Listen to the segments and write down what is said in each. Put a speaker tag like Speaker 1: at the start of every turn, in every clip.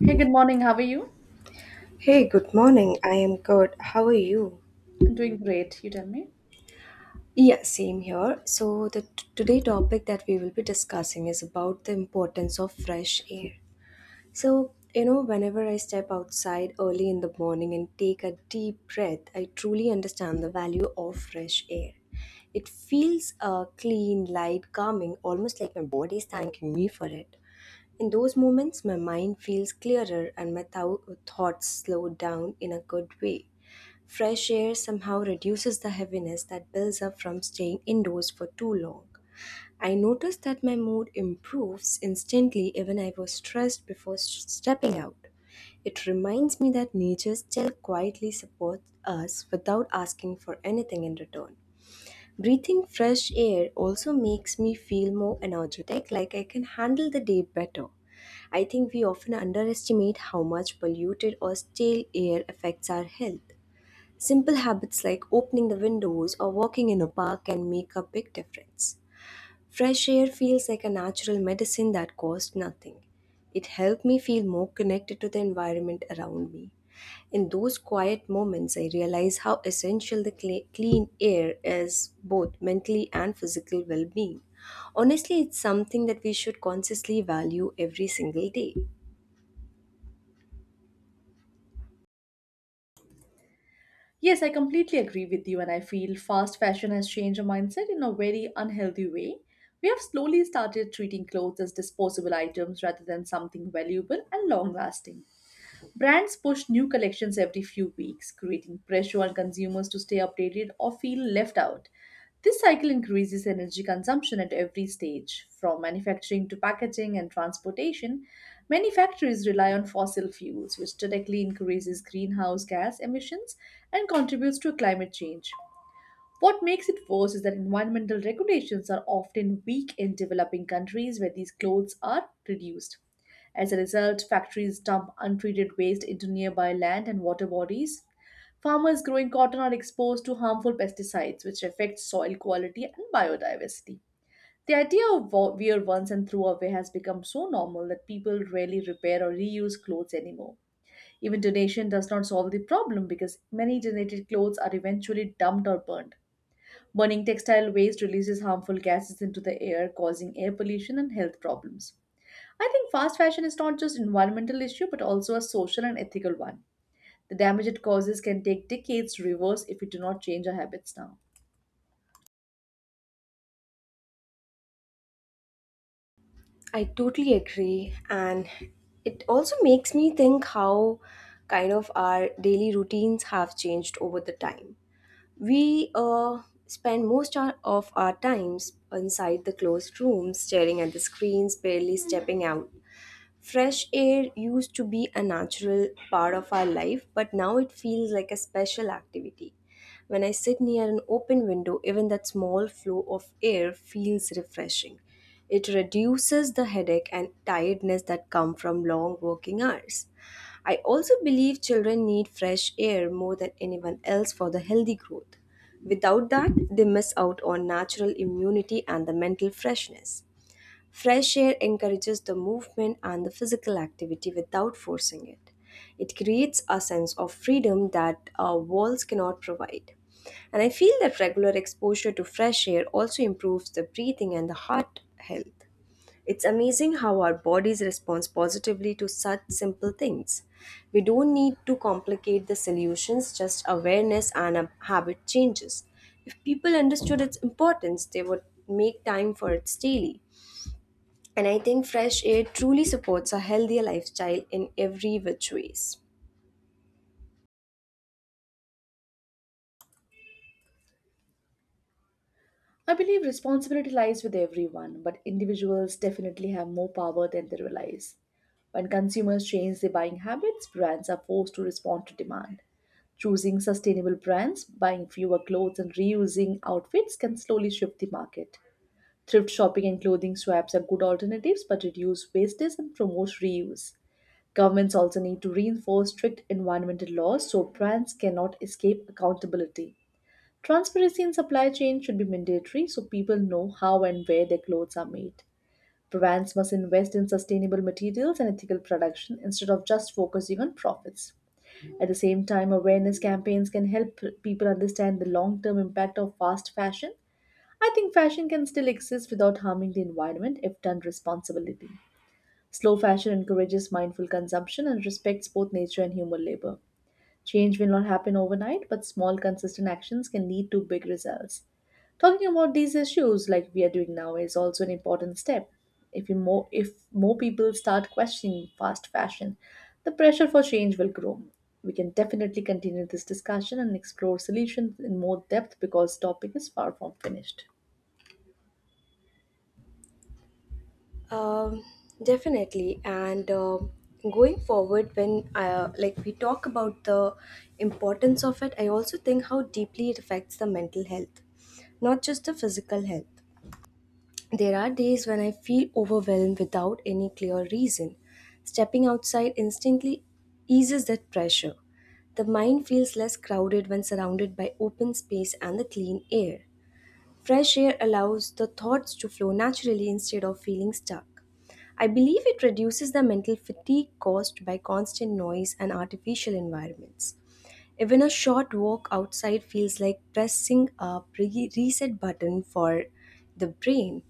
Speaker 1: Hey, good morning. How are you?
Speaker 2: Hey, good morning. I am good. How are you?
Speaker 1: I'm doing great. You tell me.
Speaker 2: Yeah, same here. So the today topic that we will be discussing is about the importance of fresh air. So, you know, whenever I step outside early in the morning and take a deep breath, I truly understand the value of fresh air. It feels clean, light, calming, almost like my body is thanking me for it. In those moments, my mind feels clearer and my thoughts slow down in a good way. Fresh air somehow reduces the heaviness that builds up from staying indoors for too long. I noticed that my mood improves instantly even I was stressed before stepping out. It reminds me that nature still quietly supports us without asking for anything in return. Breathing fresh air also makes me feel more energetic, like I can handle the day better. I think we often underestimate how much polluted or stale air affects our health. Simple habits like opening the windows or walking in a park can make a big difference. Fresh air feels like a natural medicine that costs nothing. It helped me feel more connected to the environment around me. In those quiet moments, I realize how essential the clean air is both mentally and physical well being. Honestly, it's something that we should consciously value every single day.
Speaker 1: Yes, I completely agree with you, and I feel fast fashion has changed our mindset in a very unhealthy way. We have slowly started treating clothes as disposable items rather than something valuable and long lasting. Brands push new collections every few weeks, creating pressure on consumers to stay updated or feel left out. This cycle increases energy consumption at every stage, from manufacturing to packaging and transportation. Many factories rely on fossil fuels, which directly increases greenhouse gas emissions and contributes to climate change. What makes it worse is that environmental regulations are often weak in developing countries where these clothes are produced. As a result, factories dump untreated waste into nearby land and water bodies. Farmers growing cotton are exposed to harmful pesticides, which affect soil quality and biodiversity. The idea of wear once and throw away has become so normal that people rarely repair or reuse clothes anymore. Even donation does not solve the problem because many donated clothes are eventually dumped or burned. Burning textile waste releases harmful gases into the air, causing air pollution and health problems. I think fast fashion is not just an environmental issue but also a social and ethical one. The damage it causes can take decades to reverse if we do not change our habits now.
Speaker 2: I totally agree. And it also makes me think how kind of our daily routines have changed over the time. We spend of our times inside the closed rooms, staring at the screens, barely stepping out. Fresh air used to be a natural part of our life, but now it feels like a special activity. When I sit near an open window, even that small flow of air feels refreshing. It reduces the headache and tiredness that come from long working hours. I also believe children need fresh air more than anyone else for the healthy growth. Without that, they miss out on natural immunity and the mental freshness. Fresh air encourages the movement and the physical activity without forcing it. It creates a sense of freedom that walls cannot provide. And I feel that regular exposure to fresh air also improves the breathing and the heart health. It's amazing how our bodies respond positively to such simple things. We don't need to complicate the solutions, just awareness and a habit changes. If people understood its importance, they would make time for it daily, and I think fresh air truly supports a healthier lifestyle in every which ways.
Speaker 1: I believe responsibility lies with everyone, but individuals definitely have more power than they realize. When consumers change their buying habits, brands are forced to respond to demand. Choosing sustainable brands, buying fewer clothes, and reusing outfits can slowly shift the market. Thrift shopping and clothing swaps are good alternatives but reduce wastage and promote reuse. Governments also need to reinforce strict environmental laws so brands cannot escape accountability. Transparency in supply chain should be mandatory so people know how and where their clothes are made. Brands must invest in sustainable materials and ethical production instead of just focusing on profits. At the same time, awareness campaigns can help people understand the long term impact of fast fashion. I think fashion can still exist without harming the environment if done responsibly. Slow fashion encourages mindful consumption and respects both nature and human labor. Change will not happen overnight, but small, consistent actions can lead to big results. Talking about these issues, like we are doing now, is also an important step. If more people start questioning fast fashion, the pressure for change will grow. We can definitely continue this discussion and explore solutions in more depth because topic is far from finished.
Speaker 2: Um, definitely, and going forward, when like we talk about the importance of it, I also think how deeply it affects the mental health, not just the physical health. There are days when I feel overwhelmed without any clear reason. Stepping outside instantly eases that pressure. The mind feels less crowded when surrounded by open space and the clean air. Fresh air allows the thoughts to flow naturally instead of feeling stuck. I believe it reduces the mental fatigue caused by constant noise and artificial environments. Even a short walk outside feels like pressing a reset button for the brain.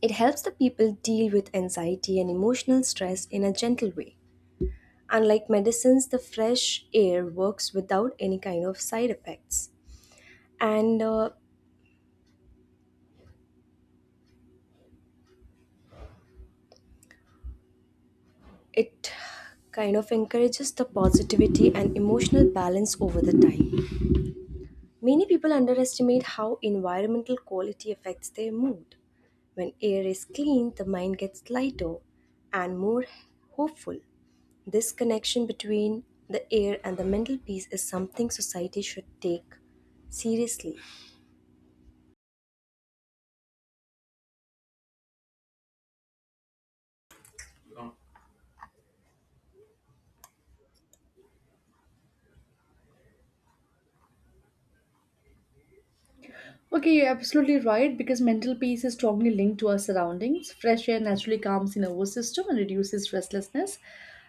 Speaker 2: It helps the people deal with anxiety and emotional stress in a gentle way. Unlike medicines, the fresh air works without any kind of side effects. And it kind of encourages the positivity and emotional balance over the time. Many people underestimate how environmental quality affects their mood. When air is clean, the mind gets lighter and more hopeful. This connection between the air and the mental peace is something society should take seriously.
Speaker 1: Okay, you're absolutely right because mental peace is strongly linked to our surroundings. Fresh air naturally calms the nervous system and reduces restlessness.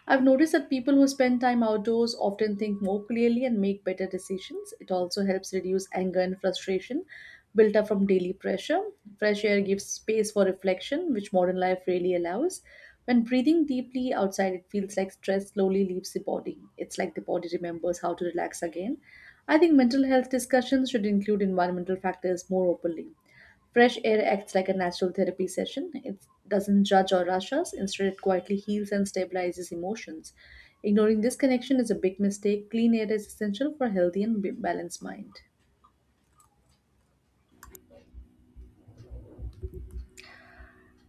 Speaker 1: I've noticed that people who spend time outdoors often think more clearly and make better decisions. It also helps reduce anger and frustration built up from daily pressure. Fresh air gives space for reflection, which modern life really allows. When breathing deeply outside, it feels like stress slowly leaves the body. It's like the body remembers how to relax again. I think mental health discussions should include environmental factors more openly. Fresh air acts like a natural therapy session. It doesn't judge or rush us; instead, it quietly heals and stabilizes emotions. Ignoring this connection is a big mistake. Clean air is essential for a healthy and balanced mind.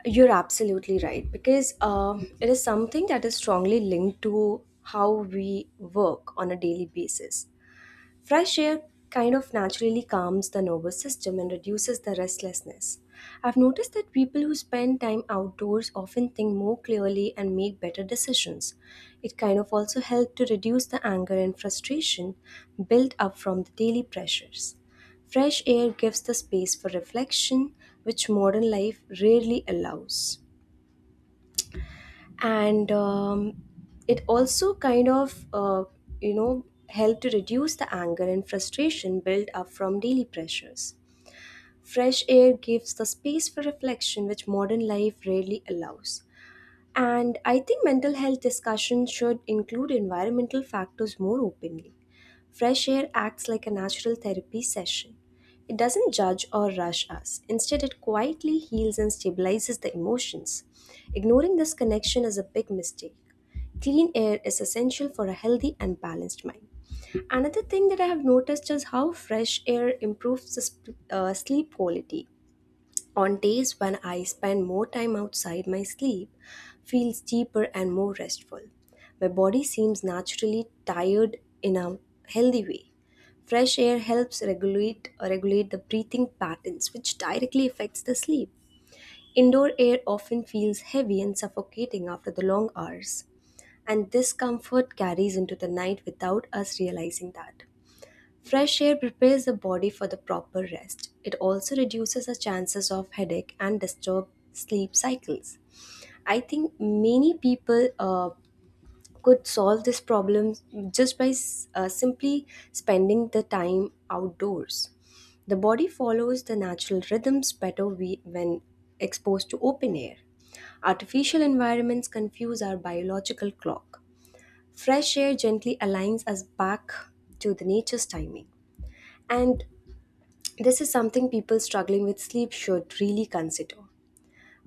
Speaker 2: You're absolutely right because it is something that is strongly linked to how we work on a daily basis. Fresh air kind of naturally calms the nervous system and reduces the restlessness. I've noticed that people who spend time outdoors often think more clearly and make better decisions. It kind of also helps to reduce the anger and frustration built up from the daily pressures. Fresh air gives the space for reflection, which modern life rarely allows, and it also kind of you know help to reduce the anger and frustration built up from daily pressures. Fresh air gives the space for reflection which modern life rarely allows, and I think mental health discussions should include environmental factors more openly. Fresh air acts like a natural therapy session. It doesn't judge or rush us. Instead, it quietly heals and stabilizes the emotions. Ignoring this connection is a big mistake. Clean air is essential for a healthy and balanced mind. Another thing that I have noticed is how fresh air improves the sleep quality. On days when I spend more time outside, my sleep feels deeper and more restful. My body seems naturally tired in a healthy way. Fresh air helps regulate the breathing patterns, which directly affects the sleep. Indoor air often feels heavy and suffocating after the long hours, and this comfort carries into the night without us realizing that. Fresh air prepares the body for the proper rest. It also reduces the chances of headache and disturb sleep cycles. I think many people could solve this problem just by simply spending the time outdoors. The body follows the natural rhythms better when exposed to open air. Artificial environments confuse our biological clock. Fresh air gently aligns us back to the nature's timing. And this is something people struggling with sleep should really consider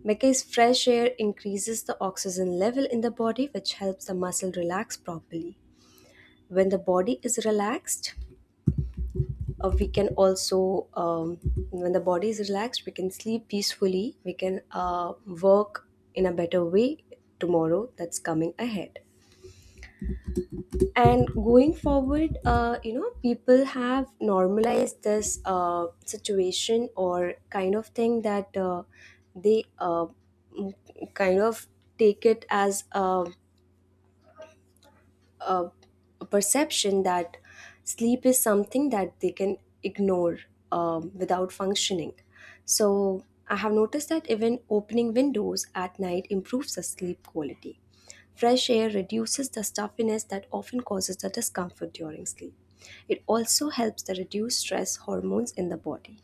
Speaker 2: because fresh air increases the oxygen level in the body, which helps the muscle relax properly. When the body is relaxed, we can also, When the body is relaxed, we can sleep peacefully, we can work in a better way tomorrow that's coming ahead. And going forward you know people have normalized this situation or kind of thing that they uh, m- kind of take it as a, a perception that sleep is something that they can ignore without functioning. So I have noticed that even opening windows at night improves the sleep quality. Fresh air reduces the stuffiness that often causes the discomfort during sleep. It also helps to reduce stress hormones in the body.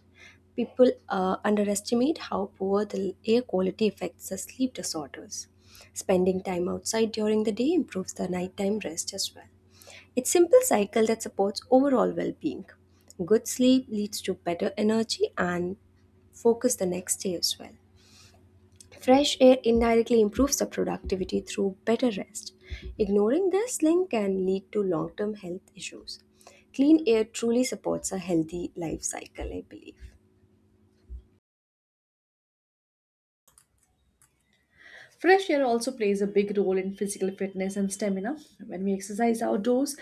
Speaker 2: People underestimate how poor the air quality affects the sleep disorders. Spending time outside during the day improves the nighttime rest as well. It's a simple cycle that supports overall well-being. Good sleep leads to better energy and focus the next day as well. Fresh air indirectly improves the productivity through better rest. Ignoring this link can lead to long-term health issues. Clean air truly supports a healthy life cycle, I believe.
Speaker 1: Fresh air also plays a big role in physical fitness and stamina. When we exercise outdoors,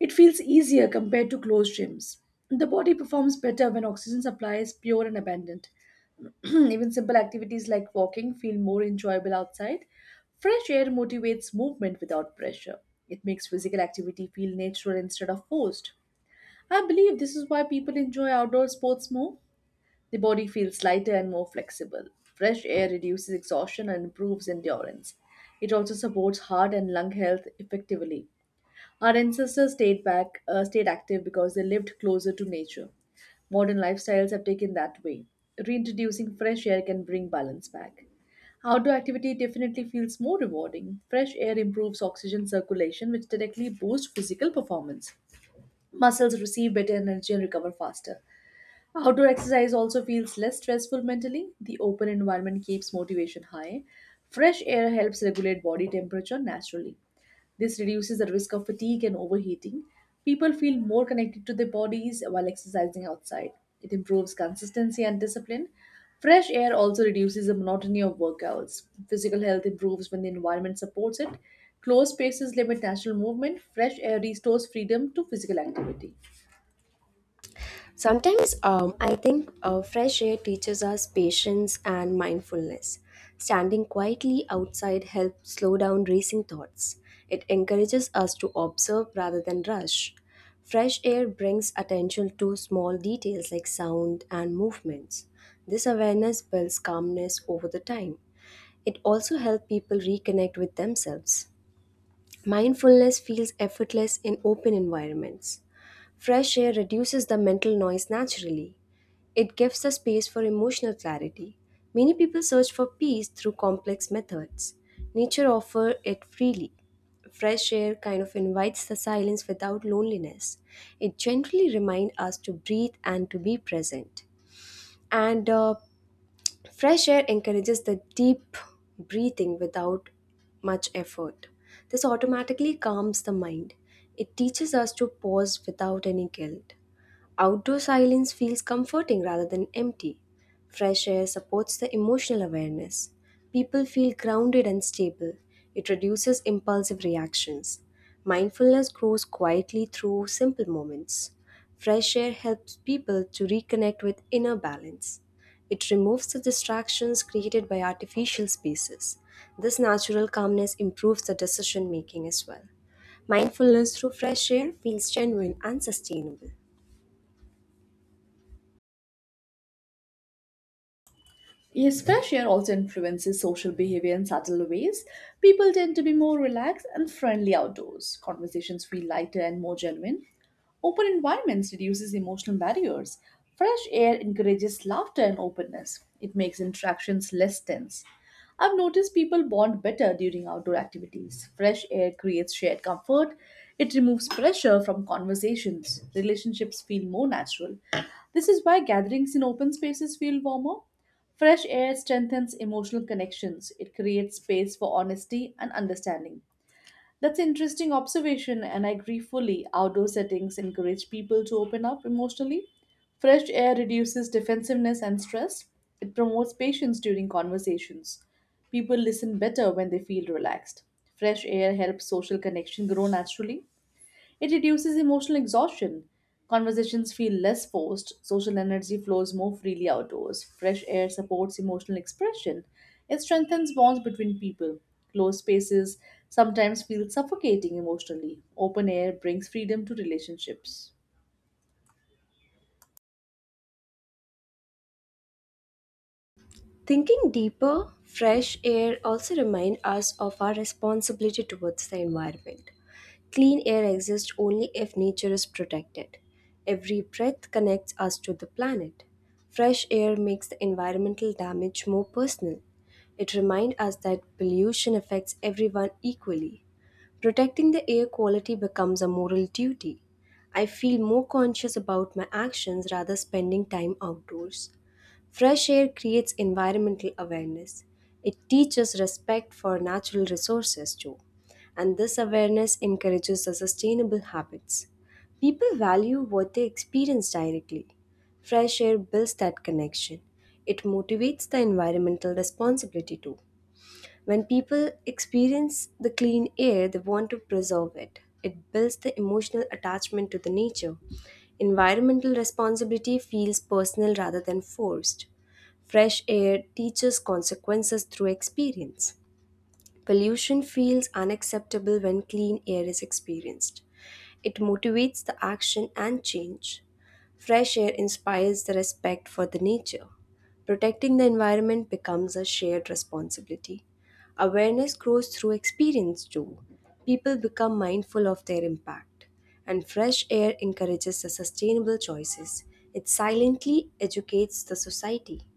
Speaker 1: it feels easier compared to closed gyms. The body performs better when oxygen supply is pure and abundant. Even simple activities like walking feel more enjoyable outside. Fresh air motivates movement without pressure. It makes physical activity feel natural instead of forced. I believe this is why people enjoy outdoor sports more. The body feels lighter and more flexible. Fresh air reduces exhaustion and improves endurance. It also supports heart and lung health effectively. Our ancestors stayed back, stayed active because they lived closer to nature. Modern lifestyles have taken that way. Reintroducing fresh air can bring balance back. Outdoor activity definitely feels more rewarding. Fresh air improves oxygen circulation, which directly boosts physical performance. Muscles receive better energy and recover faster. Outdoor exercise also feels less stressful mentally. The open environment keeps motivation high. Fresh air helps regulate body temperature naturally. This reduces the risk of fatigue and overheating. People feel more connected to their bodies while exercising outside. It improves consistency and discipline. Fresh air also reduces the monotony of workouts. Physical health improves when the environment supports it. Closed spaces limit natural movement. Fresh air restores freedom to physical activity.
Speaker 2: Sometimes I think fresh air teaches us patience and mindfulness. Standing quietly outside helps slow down racing thoughts. It encourages us to observe rather than rush. Fresh air brings attention to small details like sound and movements. This awareness builds calmness over the time. It also helps people reconnect with themselves. Mindfulness feels effortless in open environments. Fresh air reduces the mental noise naturally. It gives a space for emotional clarity. Many people search for peace through complex methods. Nature offers it freely. Fresh air kind of invites the silence without loneliness. It gently reminds us to breathe and to be present. And fresh air encourages the deep breathing without much effort. This automatically calms the mind. It teaches us to pause without any guilt. Outdoor silence feels comforting rather than empty. Fresh air supports the emotional awareness. People feel grounded and stable. It reduces impulsive reactions. Mindfulness grows quietly through simple moments. Fresh air helps people to reconnect with inner balance. It removes the distractions created by artificial spaces. This natural calmness improves the decision making as well. Mindfulness through fresh air feels genuine and sustainable.
Speaker 1: Yes, fresh air also influences social behavior in subtle ways. People tend to be more relaxed and friendly outdoors. Conversations feel lighter and more genuine. Open environments reduces emotional barriers. Fresh air encourages laughter and openness. It makes interactions less tense. I've noticed people bond better during outdoor activities. Fresh air creates shared comfort. It removes pressure from conversations. Relationships feel more natural. This is why gatherings in open spaces feel warmer. Fresh air strengthens emotional connections. It creates space for honesty and understanding. That's an interesting observation, and I agree fully. Outdoor settings encourage people to open up emotionally. Fresh air reduces defensiveness and stress. It promotes patience during conversations. People listen better when they feel relaxed. Fresh air helps social connection grow naturally. It reduces emotional exhaustion. Conversations feel less forced, social energy flows more freely outdoors, fresh air supports emotional expression. It strengthens bonds between people. Closed spaces sometimes feel suffocating emotionally. Open air brings freedom to relationships.
Speaker 2: Thinking deeper, fresh air also reminds us of our responsibility towards the environment. Clean air exists only if nature is protected. Every breath connects us to the planet. Fresh air makes the environmental damage more personal. It reminds us that pollution affects everyone equally. Protecting the air quality becomes a moral duty. I feel more conscious about my actions rather spending time outdoors. Fresh air creates environmental awareness. It teaches respect for natural resources too. And this awareness encourages the sustainable habits. People value what they experience directly. Fresh air builds that connection. It motivates the environmental responsibility too. When people experience the clean air, they want to preserve it. It builds the emotional attachment to the nature. Environmental responsibility feels personal rather than forced. Fresh air teaches consequences through experience. Pollution feels unacceptable when clean air is experienced. It motivates the action and change. Fresh air inspires the respect for the nature. Protecting the environment becomes a shared responsibility. Awareness grows through experience too. People become mindful of their impact, and fresh air encourages the sustainable choices. It silently educates the society.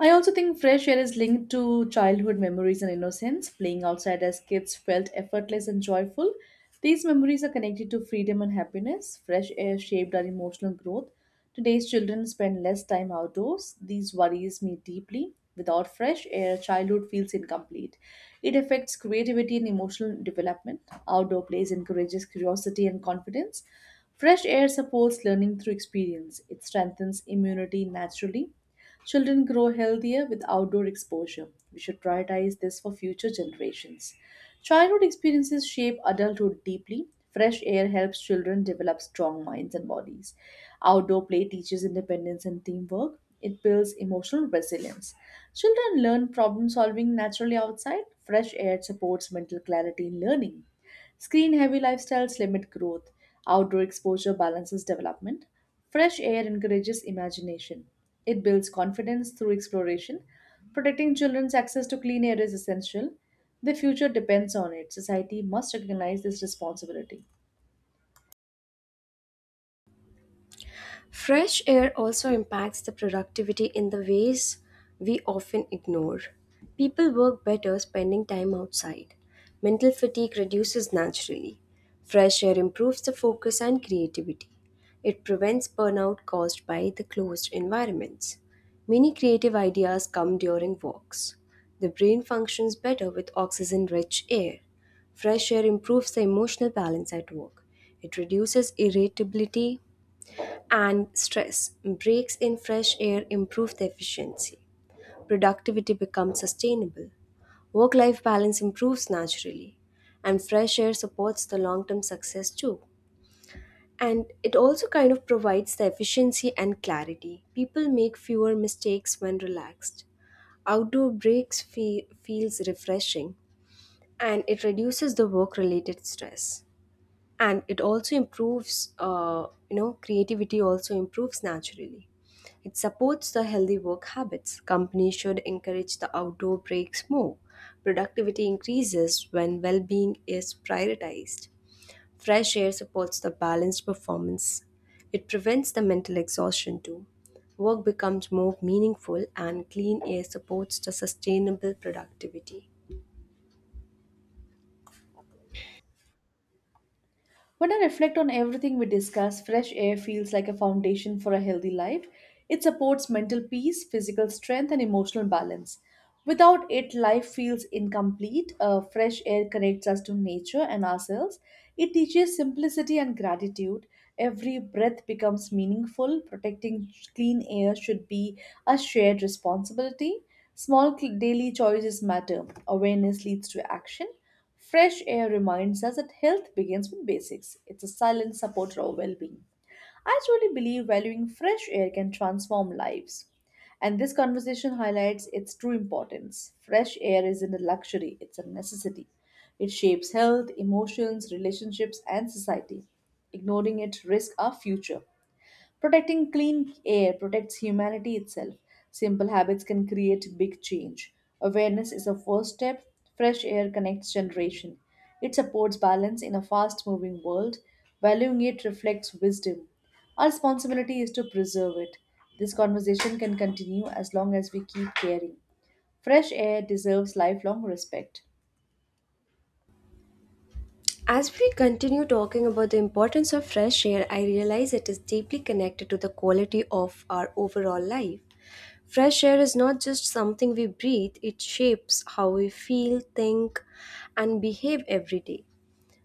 Speaker 1: I also think fresh air is linked to childhood memories and innocence. Playing outside as kids felt effortless and joyful. These memories are connected to freedom and happiness. Fresh air shaped our emotional growth. Today's children spend less time outdoors. These worries me deeply. Without fresh air, childhood feels incomplete. It affects creativity and emotional development. Outdoor plays encourages curiosity and confidence. Fresh air supports learning through experience. It strengthens immunity naturally. Children grow healthier with outdoor exposure. We should prioritize this for future generations. Childhood experiences shape adulthood deeply. Fresh air helps children develop strong minds and bodies. Outdoor play teaches independence and teamwork. It builds emotional resilience. Children learn problem solving naturally outside. Fresh air supports mental clarity in learning. Screen heavy lifestyles limit growth, outdoor exposure balances development, fresh air encourages imagination. It builds confidence through exploration. Protecting children's access to clean air is essential. The future depends on it. Society must recognize this responsibility.
Speaker 2: Fresh air also impacts the productivity in the ways we often ignore. People work better spending time outside. Mental fatigue reduces naturally. Fresh air improves the focus and creativity. It prevents burnout caused by the closed environments. Many creative ideas come during walks. The brain functions better with oxygen rich air. Fresh air improves the emotional balance at work. It reduces irritability and stress. Breaks in fresh air improve the efficiency. Productivity becomes sustainable. Work life balance improves naturally. And fresh air supports the long term success too. And it also kind of provides the efficiency and clarity. People make fewer mistakes when relaxed. Outdoor breaks feels refreshing, and it reduces the work related stress, and it also improves creativity also improves naturally. It supports the healthy work habits. Companies should encourage the outdoor breaks more. Productivity increases when well-being is prioritized. Fresh air supports the balanced performance. It prevents the mental exhaustion too. Work becomes more meaningful, and clean air supports the sustainable productivity.
Speaker 1: When I reflect on everything we discuss, fresh air feels like a foundation for a healthy life. It supports mental peace, physical strength, and emotional balance. Without it, life feels incomplete. Fresh air connects us to nature and ourselves. It teaches simplicity and gratitude. Every breath becomes meaningful. Protecting clean air should be a shared responsibility. Daily choices matter. Awareness leads to action. Fresh air reminds us that health begins with basics. It's a silent supporter of well being. I truly believe valuing fresh air can transform lives. And this conversation highlights its true importance. Fresh air isn't a luxury, it's a necessity. It shapes health, emotions, relationships, and society. Ignoring it risks our future. Protecting clean air protects humanity itself. Simple habits can create big change. Awareness is a first step. Fresh air connects generation. It supports balance in a fast moving world. Valuing it reflects wisdom. Our responsibility is to preserve it. This conversation can continue as long as we keep caring. Fresh air deserves lifelong respect.
Speaker 2: As we continue talking about the importance of fresh air, I realize it is deeply connected to the quality of our overall life. Fresh air is not just something we breathe, it shapes how we feel, think, and behave every day.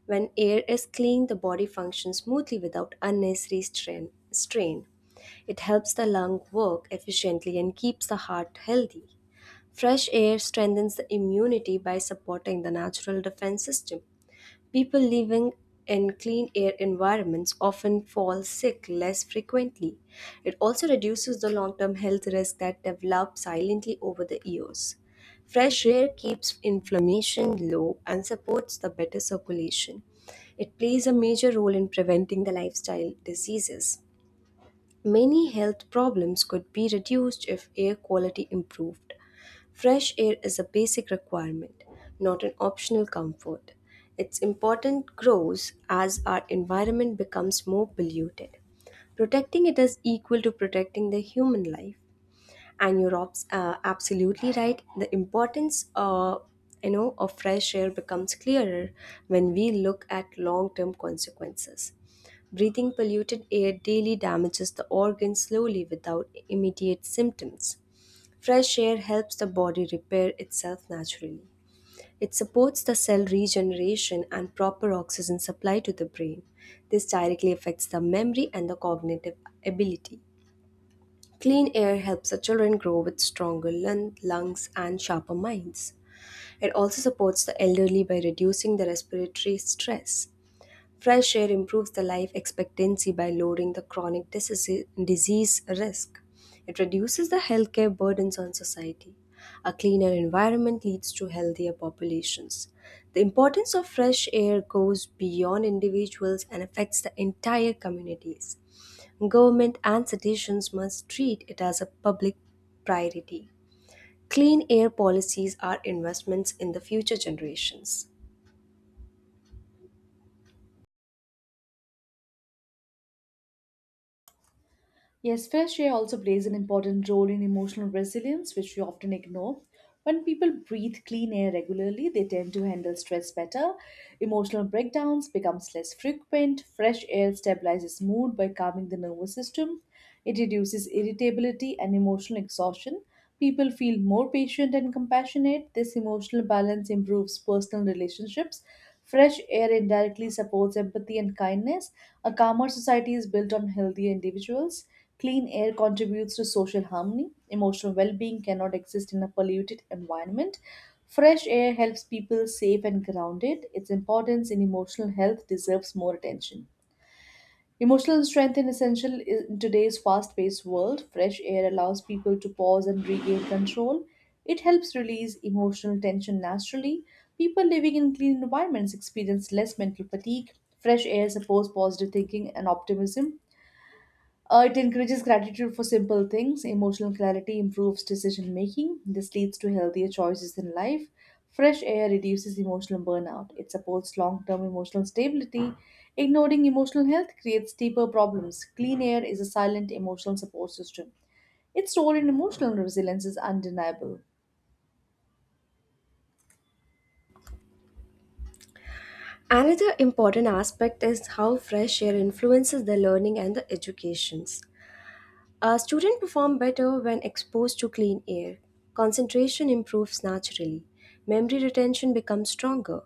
Speaker 2: When air is clean, the body functions smoothly without unnecessary strain. It helps the lung work efficiently and keeps the heart healthy. Fresh air strengthens the immunity by supporting the natural defense system. People living in clean air environments often fall sick less frequently. It also reduces the long term health risks that develop silently over the years. Fresh air keeps inflammation low and supports the better circulation. It plays a major role in preventing the lifestyle diseases. Many health problems could be reduced if air quality improved. Fresh air is a basic requirement, not an optional comfort. Its importance grows as our environment becomes more polluted. Protecting it is equal to protecting the human life, and you're absolutely right. The importance of fresh air becomes clearer when we look at long-term consequences. Breathing polluted air daily damages the organs slowly without immediate symptoms. Fresh air helps the body repair itself naturally. It supports the cell regeneration and proper oxygen supply to the brain. This directly affects the memory and the cognitive ability. Clean air helps the children grow with stronger lungs and sharper minds. It also supports the elderly by reducing the respiratory stress. Fresh air improves the life expectancy by lowering the chronic disease risk. It reduces the healthcare burdens on society. A cleaner environment leads to healthier populations. The importance of fresh air goes beyond individuals and affects the entire communities. Government and citizens must treat it as a public priority. Clean air policies are investments in the future generations.
Speaker 1: Yes, fresh air also plays an important role in emotional resilience, which we often ignore. When people breathe clean air regularly, they tend to handle stress better. Emotional breakdowns becomes less frequent. Fresh air stabilizes mood by calming the nervous system. It reduces irritability and emotional exhaustion. People feel more patient and compassionate. This emotional balance improves personal relationships. Fresh air indirectly supports empathy and kindness. A calmer society is built on healthier individuals. Clean air contributes to social harmony. Emotional well being cannot exist in a polluted environment. Fresh air helps people safe and grounded. Its importance in emotional health deserves more attention. Emotional strength is essential in today's fast paced world. Fresh air allows people to pause and regain control. It helps release emotional tension naturally. People living in clean environments experience less mental fatigue. Fresh air supports positive thinking and optimism. It encourages gratitude for simple things. Emotional clarity improves decision making. This leads to healthier choices in life. Fresh air reduces emotional burnout. It supports long term emotional stability. Ignoring emotional health creates deeper problems. Clean air is a silent emotional support system. Its role in emotional resilience is undeniable.
Speaker 2: Another important aspect is how fresh air influences the learning and the educations. Students perform better when exposed to clean air. Concentration improves naturally. Memory retention becomes stronger.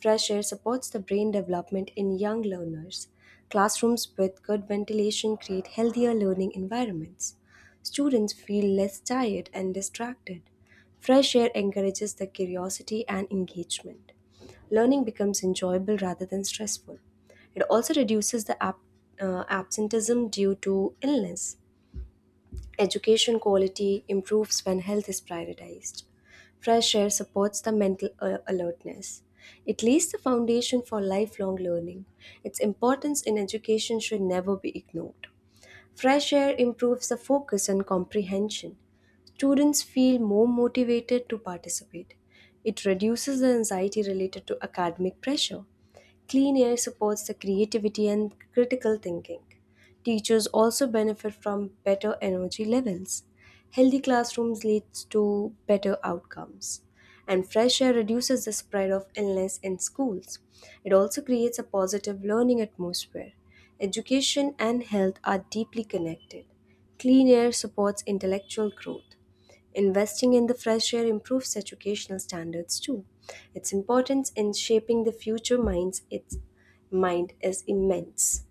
Speaker 2: Fresh air supports the brain development in young learners. Classrooms with good ventilation create healthier learning environments. Students feel less tired and distracted. Fresh air encourages the curiosity and engagement. Learning becomes enjoyable rather than stressful. It also reduces the absenteeism due to illness. Education quality improves when health is prioritized. Fresh air supports the mental alertness. It lays the foundation for lifelong learning. Its importance in education should never be ignored. Fresh air improves the focus and comprehension. Students feel more motivated to participate. It reduces the anxiety related to academic pressure. Clean air supports the creativity and critical thinking. Teachers also benefit from better energy levels. Healthy classrooms leads to better outcomes, and fresh air reduces the spread of illness in schools. It also creates a positive learning atmosphere. Education and health are deeply connected. Clean air supports intellectual growth. Investing in the fresh air improves educational standards too. Its importance in shaping the future mind is immense.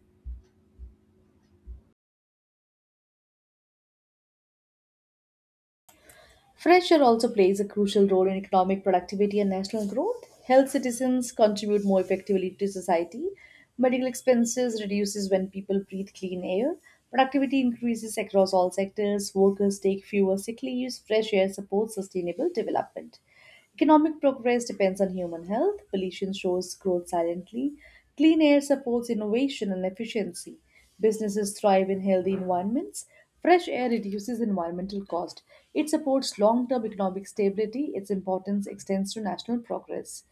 Speaker 1: Fresh air also plays a crucial role in economic productivity and national growth. Health citizens contribute more effectively to society. Medical expenses reduces when people breathe clean air. Productivity increases across all sectors. Workers take fewer sick leaves. Fresh air supports sustainable development. Economic progress depends on human health. Pollution shows growth silently. Clean air supports innovation and efficiency. Businesses thrive in healthy environments. Fresh air reduces environmental cost. It supports long term economic stability. Its importance extends to national progress.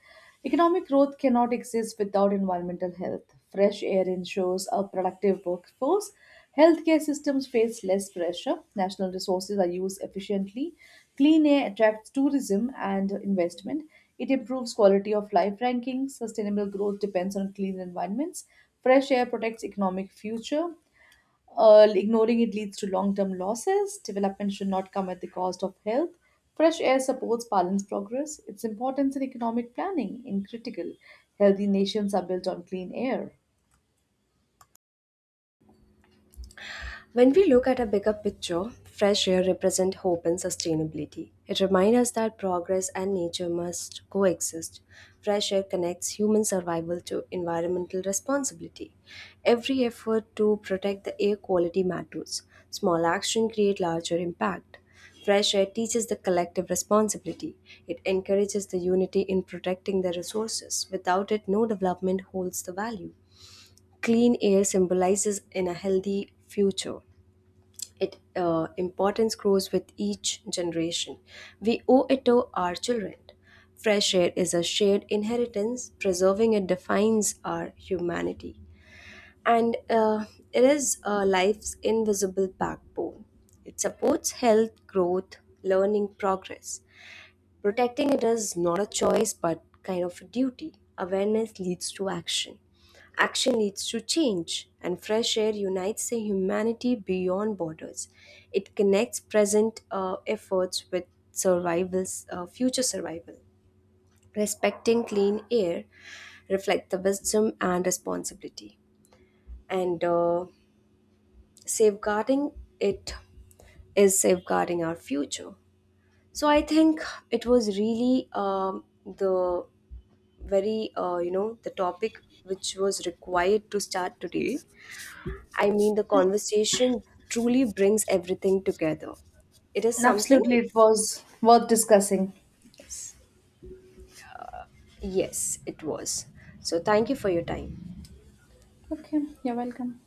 Speaker 1: Economic growth cannot exist without environmental health. Fresh air ensures a productive workforce. Healthcare systems face less pressure. National resources are used efficiently. Clean air attracts tourism and investment. It improves quality of life rankings. Sustainable growth depends on clean environments. Fresh air protects economic future. Ignoring it leads to long-term losses. Development should not come at the cost of health. Fresh air supports balanced progress. Its importance in economic planning in critical. Healthy nations are built on clean air.
Speaker 2: When we look at a bigger picture, fresh air represents hope and sustainability. It reminds us that progress and nature must coexist. Fresh air connects human survival to environmental responsibility. Every effort to protect the air quality matters. Small action create larger impact. Fresh air teaches the collective responsibility. It encourages the unity in protecting the resources. Without it, no development holds the value. Clean air symbolizes in a healthy future. It importance grows with each generation. We owe it to our children. Fresh air is a shared inheritance. Preserving it defines our humanity, and it is life's invisible backbone. It supports health, growth, learning, progress. Protecting it is not a choice but kind of a duty. Awareness leads to action. Action leads to change, and fresh air unites the humanity beyond borders. It connects present efforts with survival's future survival. Respecting clean air reflects the wisdom and responsibility, and safeguarding it is safeguarding our future. So I think it was really the very the topic which was required to start today. I mean, the conversation truly brings everything together. It is something.
Speaker 1: Absolutely, it was worth discussing.
Speaker 2: Yes, it was. So thank you for your time.
Speaker 1: Okay, you're welcome.